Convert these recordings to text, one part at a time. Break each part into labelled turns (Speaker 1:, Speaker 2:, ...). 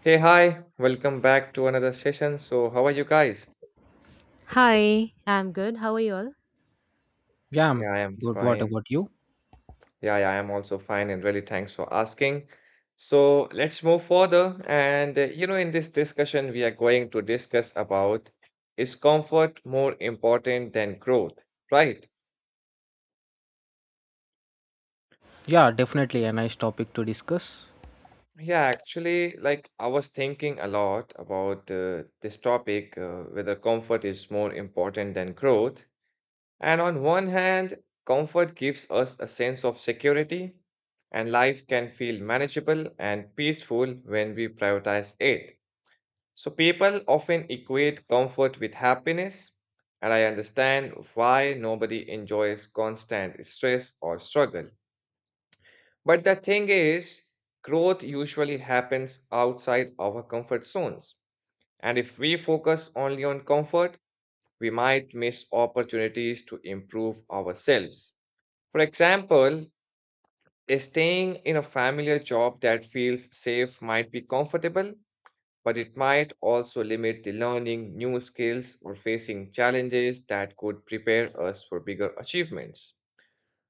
Speaker 1: Hey, hi, welcome back to another session. So, how are you guys?
Speaker 2: Hi, I'm good. How are you all?
Speaker 3: Yeah, I'm
Speaker 1: Yeah, I am
Speaker 3: good. What
Speaker 1: fine.
Speaker 3: about you?
Speaker 1: Yeah, yeah, I am also fine, and really thanks for asking. So, let's move further. In this discussion, we are going to discuss about is comfort more important than growth, right?
Speaker 3: Yeah, definitely a nice topic to discuss.
Speaker 1: Yeah, actually, like I was thinking a lot about this topic, whether comfort is more important than growth. And on one hand, comfort gives us a sense of security, and life can feel manageable and peaceful when we prioritize it. So, people often equate comfort with happiness, and I understand why nobody enjoys constant stress or struggle. But the thing is, growth usually happens outside our comfort zones. And if we focus only on comfort, we might miss opportunities to improve ourselves. For example, a staying in a familiar job that feels safe might be comfortable, but it might also limit the learning new skills or facing challenges that could prepare us for bigger achievements.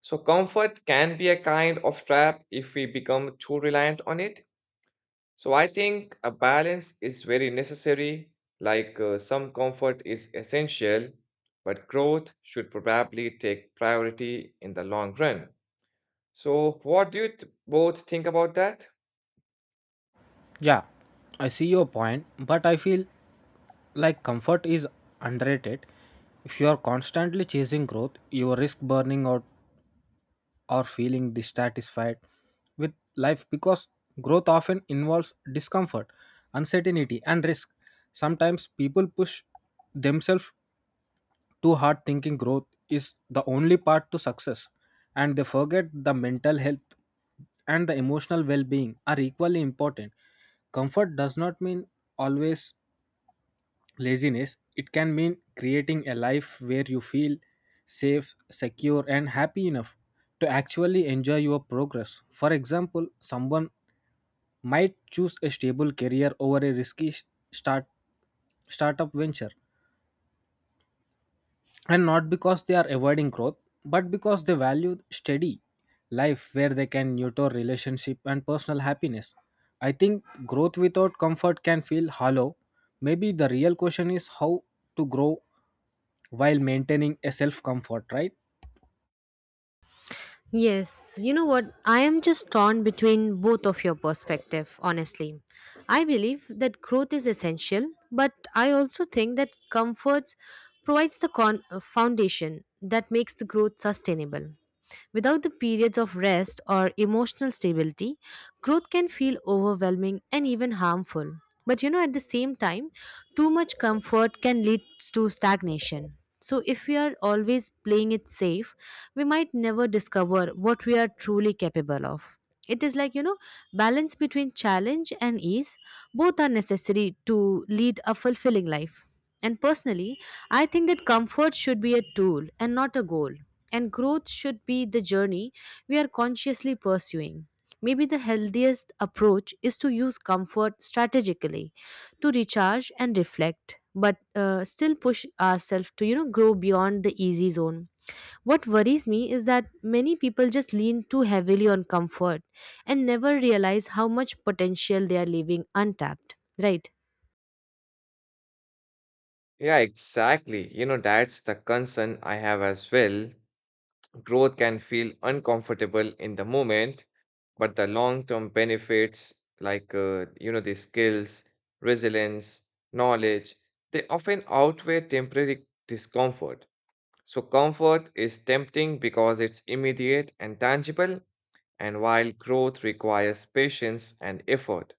Speaker 1: So, comfort can be a kind of trap if we become too reliant on it. So, I think a balance is very necessary, like some comfort is essential, but growth should probably take priority in the long run. So, what do you both think about that?
Speaker 3: Yeah, I see your point, but I feel like comfort is underrated. If you are constantly chasing growth, you risk burning out or feeling dissatisfied with life because growth often involves discomfort, uncertainty, and risk. Sometimes people push themselves too hard thinking growth is the only path to success, and they forget the mental health and the emotional well-being are equally important. Comfort does not mean always laziness. It can mean creating a life where you feel safe, secure, and happy enough to actually enjoy your progress. For example, someone might choose a stable career over a risky start startup venture, and not because they are avoiding growth, but because they value steady life where they can nurture relationship and personal happiness. I think growth without comfort can feel hollow. Maybe the real question is how to grow while maintaining a self comfort, right?
Speaker 2: Yes, you know what? I am just torn between both of your perspective, honestly. I believe that growth is essential, but I also think that comforts provides the foundation that makes the growth sustainable. Without the periods of rest or emotional stability, growth can feel overwhelming and even harmful. But you know, at the same time, too much comfort can lead to stagnation. So, if we are always playing it safe, we might never discover what we are truly capable of. It is like, you know, balance between challenge and ease. Both are necessary to lead a fulfilling life. And personally, I think that comfort should be a tool and not a goal. And growth should be the journey we are consciously pursuing. Maybe the healthiest approach is to use comfort strategically to recharge and reflect, but still push ourselves to, you know, grow beyond the easy zone. What worries me is that many people just lean too heavily on comfort and never realize how much potential they are leaving untapped, right?
Speaker 1: Yeah, exactly. You know, that's the concern I have as well. Growth can feel uncomfortable in the moment, but the long-term benefits, like the skills, resilience, knowledge, they often outweigh temporary discomfort. So comfort is tempting because it's immediate and tangible, and while growth requires patience and effort.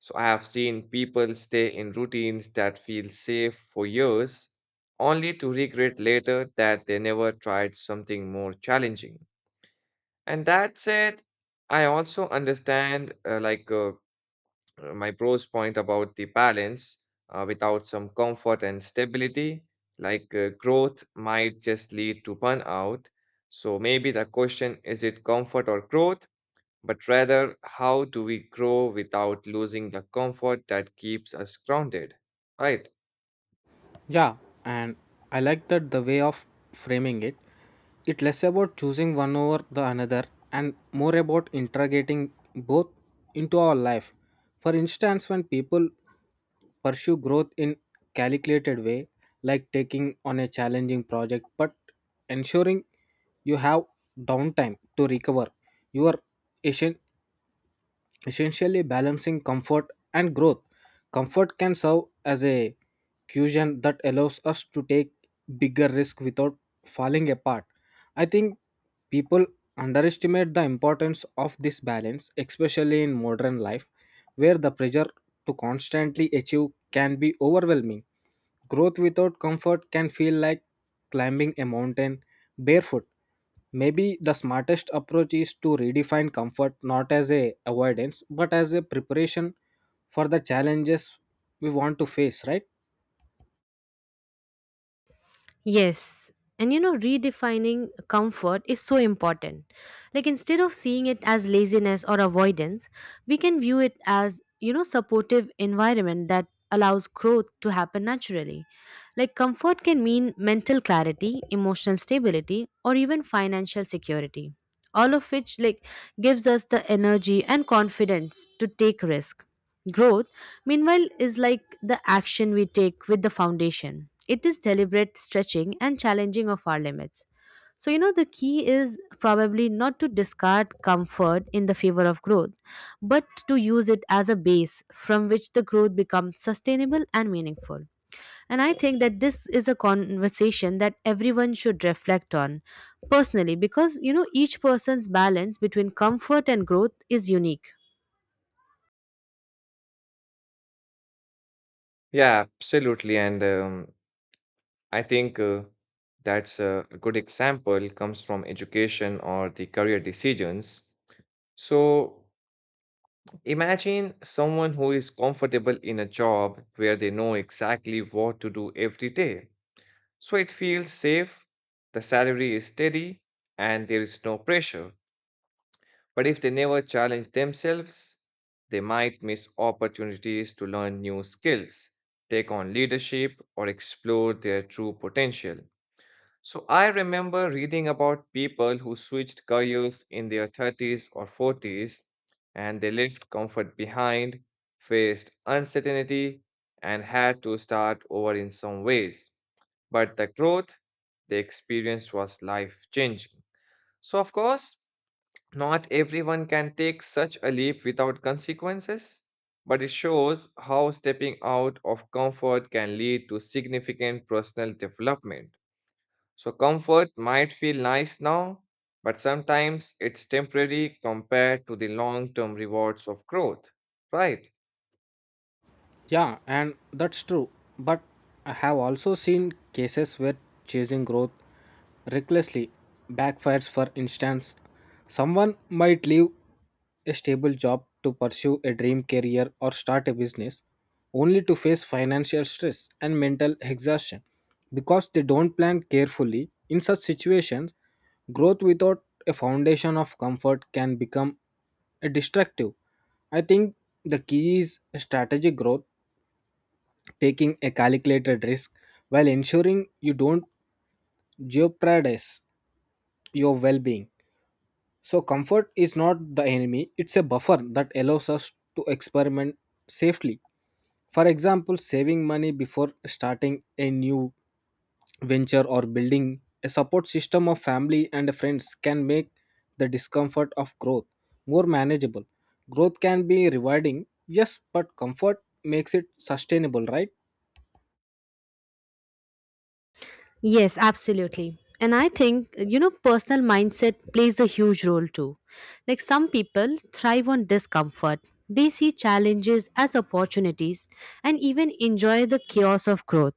Speaker 1: So I have seen people stay in routines that feel safe for years, only to regret later that they never tried something more challenging. And that said, I also understand, my bro's point about the balance. Without some comfort and stability, like growth might just lead to burnout. So maybe the question is it comfort or growth, but rather how do we grow without losing the comfort that keeps us grounded, right?
Speaker 3: Yeah, and I like that the way of framing it, it less about choosing one over the another and more about integrating both into our life. For instance, when people pursue growth in calculated way, like taking on a challenging project but ensuring you have downtime to recover your essen- essentially balancing comfort and growth. Comfort can serve as a cushion that allows us to take bigger risk without falling apart. I think people underestimate the importance of this balance, especially in modern life, where the pressure to constantly achieve can be overwhelming. Growth without comfort can feel like climbing a mountain barefoot. Maybe the smartest approach is to redefine comfort not as a avoidance but as a preparation for the challenges we want to face, right?
Speaker 2: Yes. And you know, redefining comfort is so important. Like, instead of seeing it as laziness or avoidance, we can view it as, you know, supportive environment that allows growth to happen naturally. Like, comfort can mean mental clarity, emotional stability, or even financial security. All of which, like, gives us the energy and confidence to take risk. Growth, meanwhile, is like the action we take with the foundation. It is deliberate stretching and challenging of our limits. So, you know, the key is probably not to discard comfort in the favor of growth, but to use it as a base from which the growth becomes sustainable and meaningful. And I think that this is a conversation that everyone should reflect on personally because, you know, each person's balance between comfort and growth is unique.
Speaker 1: Yeah, absolutely. And I think that's a good example comes from education or the career decisions. So imagine someone who is comfortable in a job where they know exactly what to do every day. So it feels safe, the salary is steady, and there is no pressure. But if they never challenge themselves, they might miss opportunities to learn new skills, take on leadership, or explore their true potential. So I remember reading about people who switched careers in their 30s or 40s, and they left comfort behind, faced uncertainty, and had to start over in some ways. But the growth they experienced was life changing. So, of course, not everyone can take such a leap without consequences, but it shows how stepping out of comfort can lead to significant personal development. So, comfort might feel nice now, but sometimes it's temporary compared to the long term rewards of growth, right?
Speaker 3: Yeah, and that's true. But I have also seen cases where chasing growth recklessly backfires. For instance, someone might leave a stable job to pursue a dream career or start a business only to face financial stress and mental exhaustion because they don't plan carefully. In such situations, growth without a foundation of comfort can become a destructive. I think the key is strategic growth, taking a calculated risk while ensuring you don't jeopardize your well-being. So, comfort is not the enemy, it's a buffer that allows us to experiment safely. For example, saving money before starting a new venture or building a support system of family and friends can make the discomfort of growth more manageable. Growth can be rewarding, yes, but comfort makes it sustainable, right?
Speaker 2: Yes, absolutely. And I think, you know, personal mindset plays a huge role too. Like some people thrive on discomfort, they see challenges as opportunities and even enjoy the chaos of growth.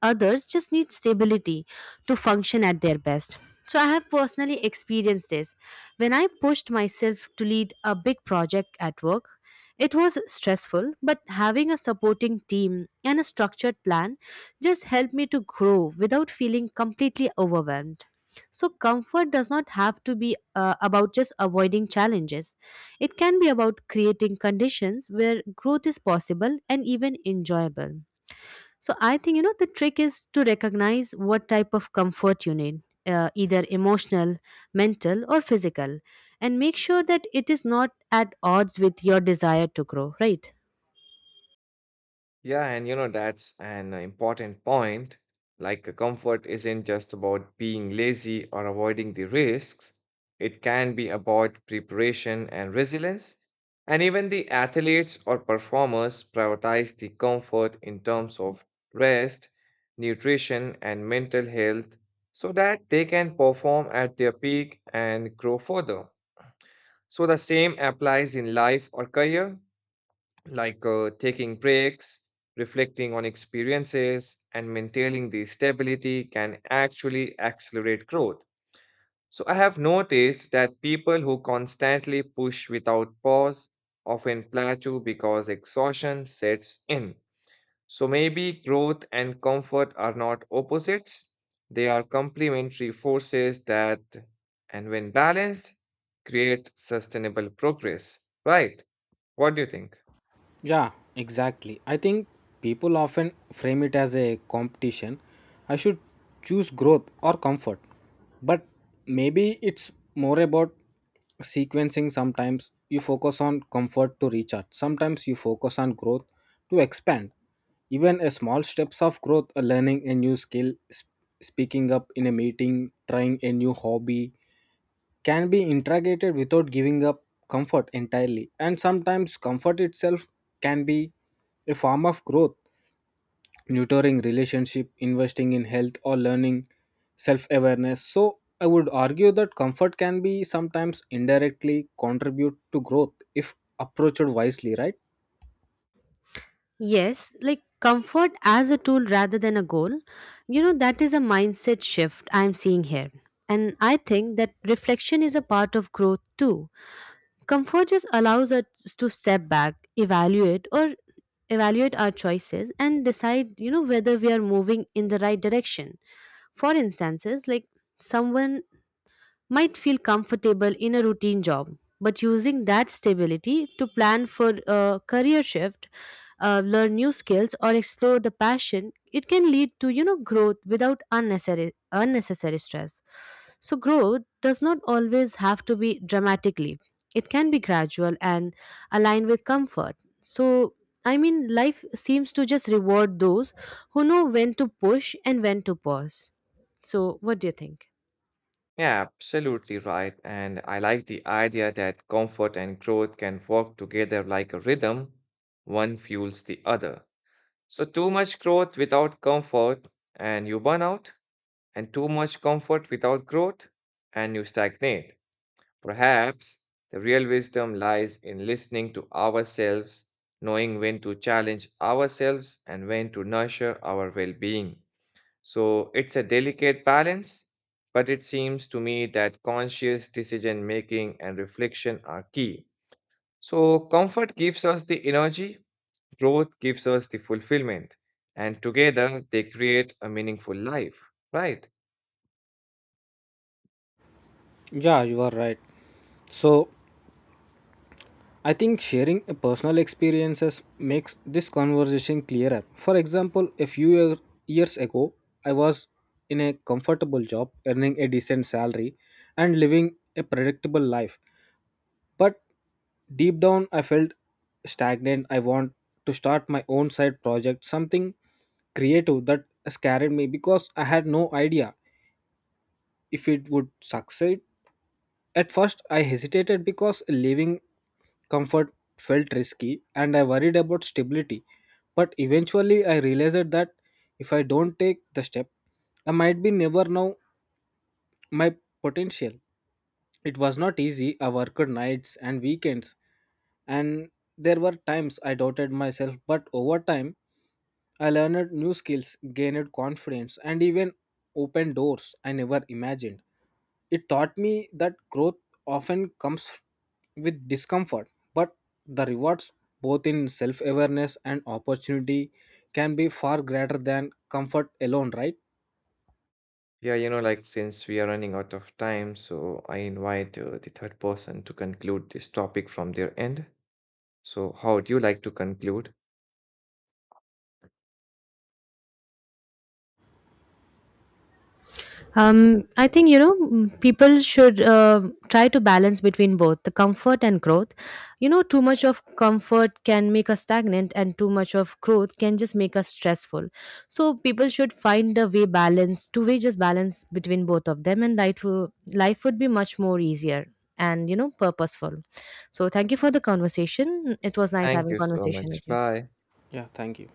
Speaker 2: Others just need stability to function at their best. So I have personally experienced this. When I pushed myself to lead a big project at work, it was stressful, but having a supporting team and a structured plan just help me to grow without feeling completely overwhelmed. So, comfort does not have to be about just avoiding challenges. It can be about creating conditions where growth is possible and even enjoyable. So, I think you know the trick is to recognize what type of comfort you need, either emotional, mental, or physical, and make sure that it is not at odds with your desire to grow, right?
Speaker 1: Yeah, and you know, that's an important point. Like, comfort isn't just about being lazy or avoiding the risks, it can be about preparation and resilience. And even the athletes or performers prioritize the comfort in terms of rest, nutrition, and mental health so that they can perform at their peak and grow further. So, the same applies in life or career like taking breaks, reflecting on experiences, and maintaining the stability can actually accelerate growth. So, I have noticed that people who constantly push without pause often plateau because exhaustion sets in. So, maybe growth and comfort are not opposites, they are complementary forces that, and when balanced, create sustainable progress. Right? What do you think?
Speaker 3: Yeah, exactly. I think people often frame it as a competition. I should choose growth or comfort. But maybe it's more about sequencing. Sometimes you focus on comfort to recharge, sometimes you focus on growth to expand. Even a small steps of growth, learning a new skill, speaking up in a meeting, trying a new hobby, can be integrated without giving up comfort entirely. And sometimes comfort itself can be a form of growth, nurturing relationship, investing in health, or learning self awareness. So, I would argue that comfort can be sometimes indirectly contribute to growth if approached wisely, right?
Speaker 2: Yes, like comfort as a tool rather than a goal. You know, that is a mindset shift I'm seeing here. And I think that reflection is a part of growth too. Comfort just allows us to step back, evaluate, or evaluate our choices and decide, you know, whether we are moving in the right direction. For instances, like someone might feel comfortable in a routine job, but using that stability to plan for a career shift, learn new skills, or explore the passion, it can lead to you know growth without unnecessary stress. So growth does not always have to be dramatically. It can be gradual and aligned with comfort. So I mean, life seems to just reward those who know when to push and when to pause. So, what do you think?
Speaker 1: Yeah, absolutely right. And I like the idea that comfort and growth can work together like a rhythm, one fuels the other. So, too much growth without comfort, and you burn out, and too much comfort without growth, and you stagnate. Perhaps the real wisdom lies in listening to ourselves, knowing when to challenge ourselves and when to nurture our well being. So it's a delicate balance, but it seems to me that conscious decision making and reflection are key. So comfort gives us the energy, growth gives us the fulfillment, and together they create a meaningful life, right?
Speaker 3: Yeah, you are right. So I think sharing personal experiences makes this conversation clearer. For example, a few years ago, I was in a comfortable job, earning a decent salary and living a predictable life. But deep down, I felt stagnant. I want to start my own side project, something creative that scared me because I had no idea if it would succeed. At first, I hesitated because leaving comfort felt risky and I worried about stability. But eventually, I realized that if I don't take the step, I might be never know my potential. It was not easy. I worked nights and weekends, and there were times I doubted myself, but over time, I learned new skills, gained confidence, and even opened doors I never imagined. It taught me that growth often comes with discomfort, but the rewards, both in self awareness and opportunity, can be far greater than comfort alone, right?
Speaker 1: Yeah, you know, like since we are running out of time, so I invite the third person to conclude this topic from their end. So, how would you like to conclude?
Speaker 2: I think you know people should try to balance between both the comfort and growth. You know, too much of comfort can make us stagnant, and too much of growth can just make us stressful. So people should find a way balance, two-way just balance between both of them, and life life would be much more easier and you know purposeful. So thank you for the conversation. It was nice
Speaker 1: Thank
Speaker 2: having
Speaker 1: you so
Speaker 2: conversation
Speaker 1: much.
Speaker 2: with you.
Speaker 1: Bye.
Speaker 3: Yeah, thank you.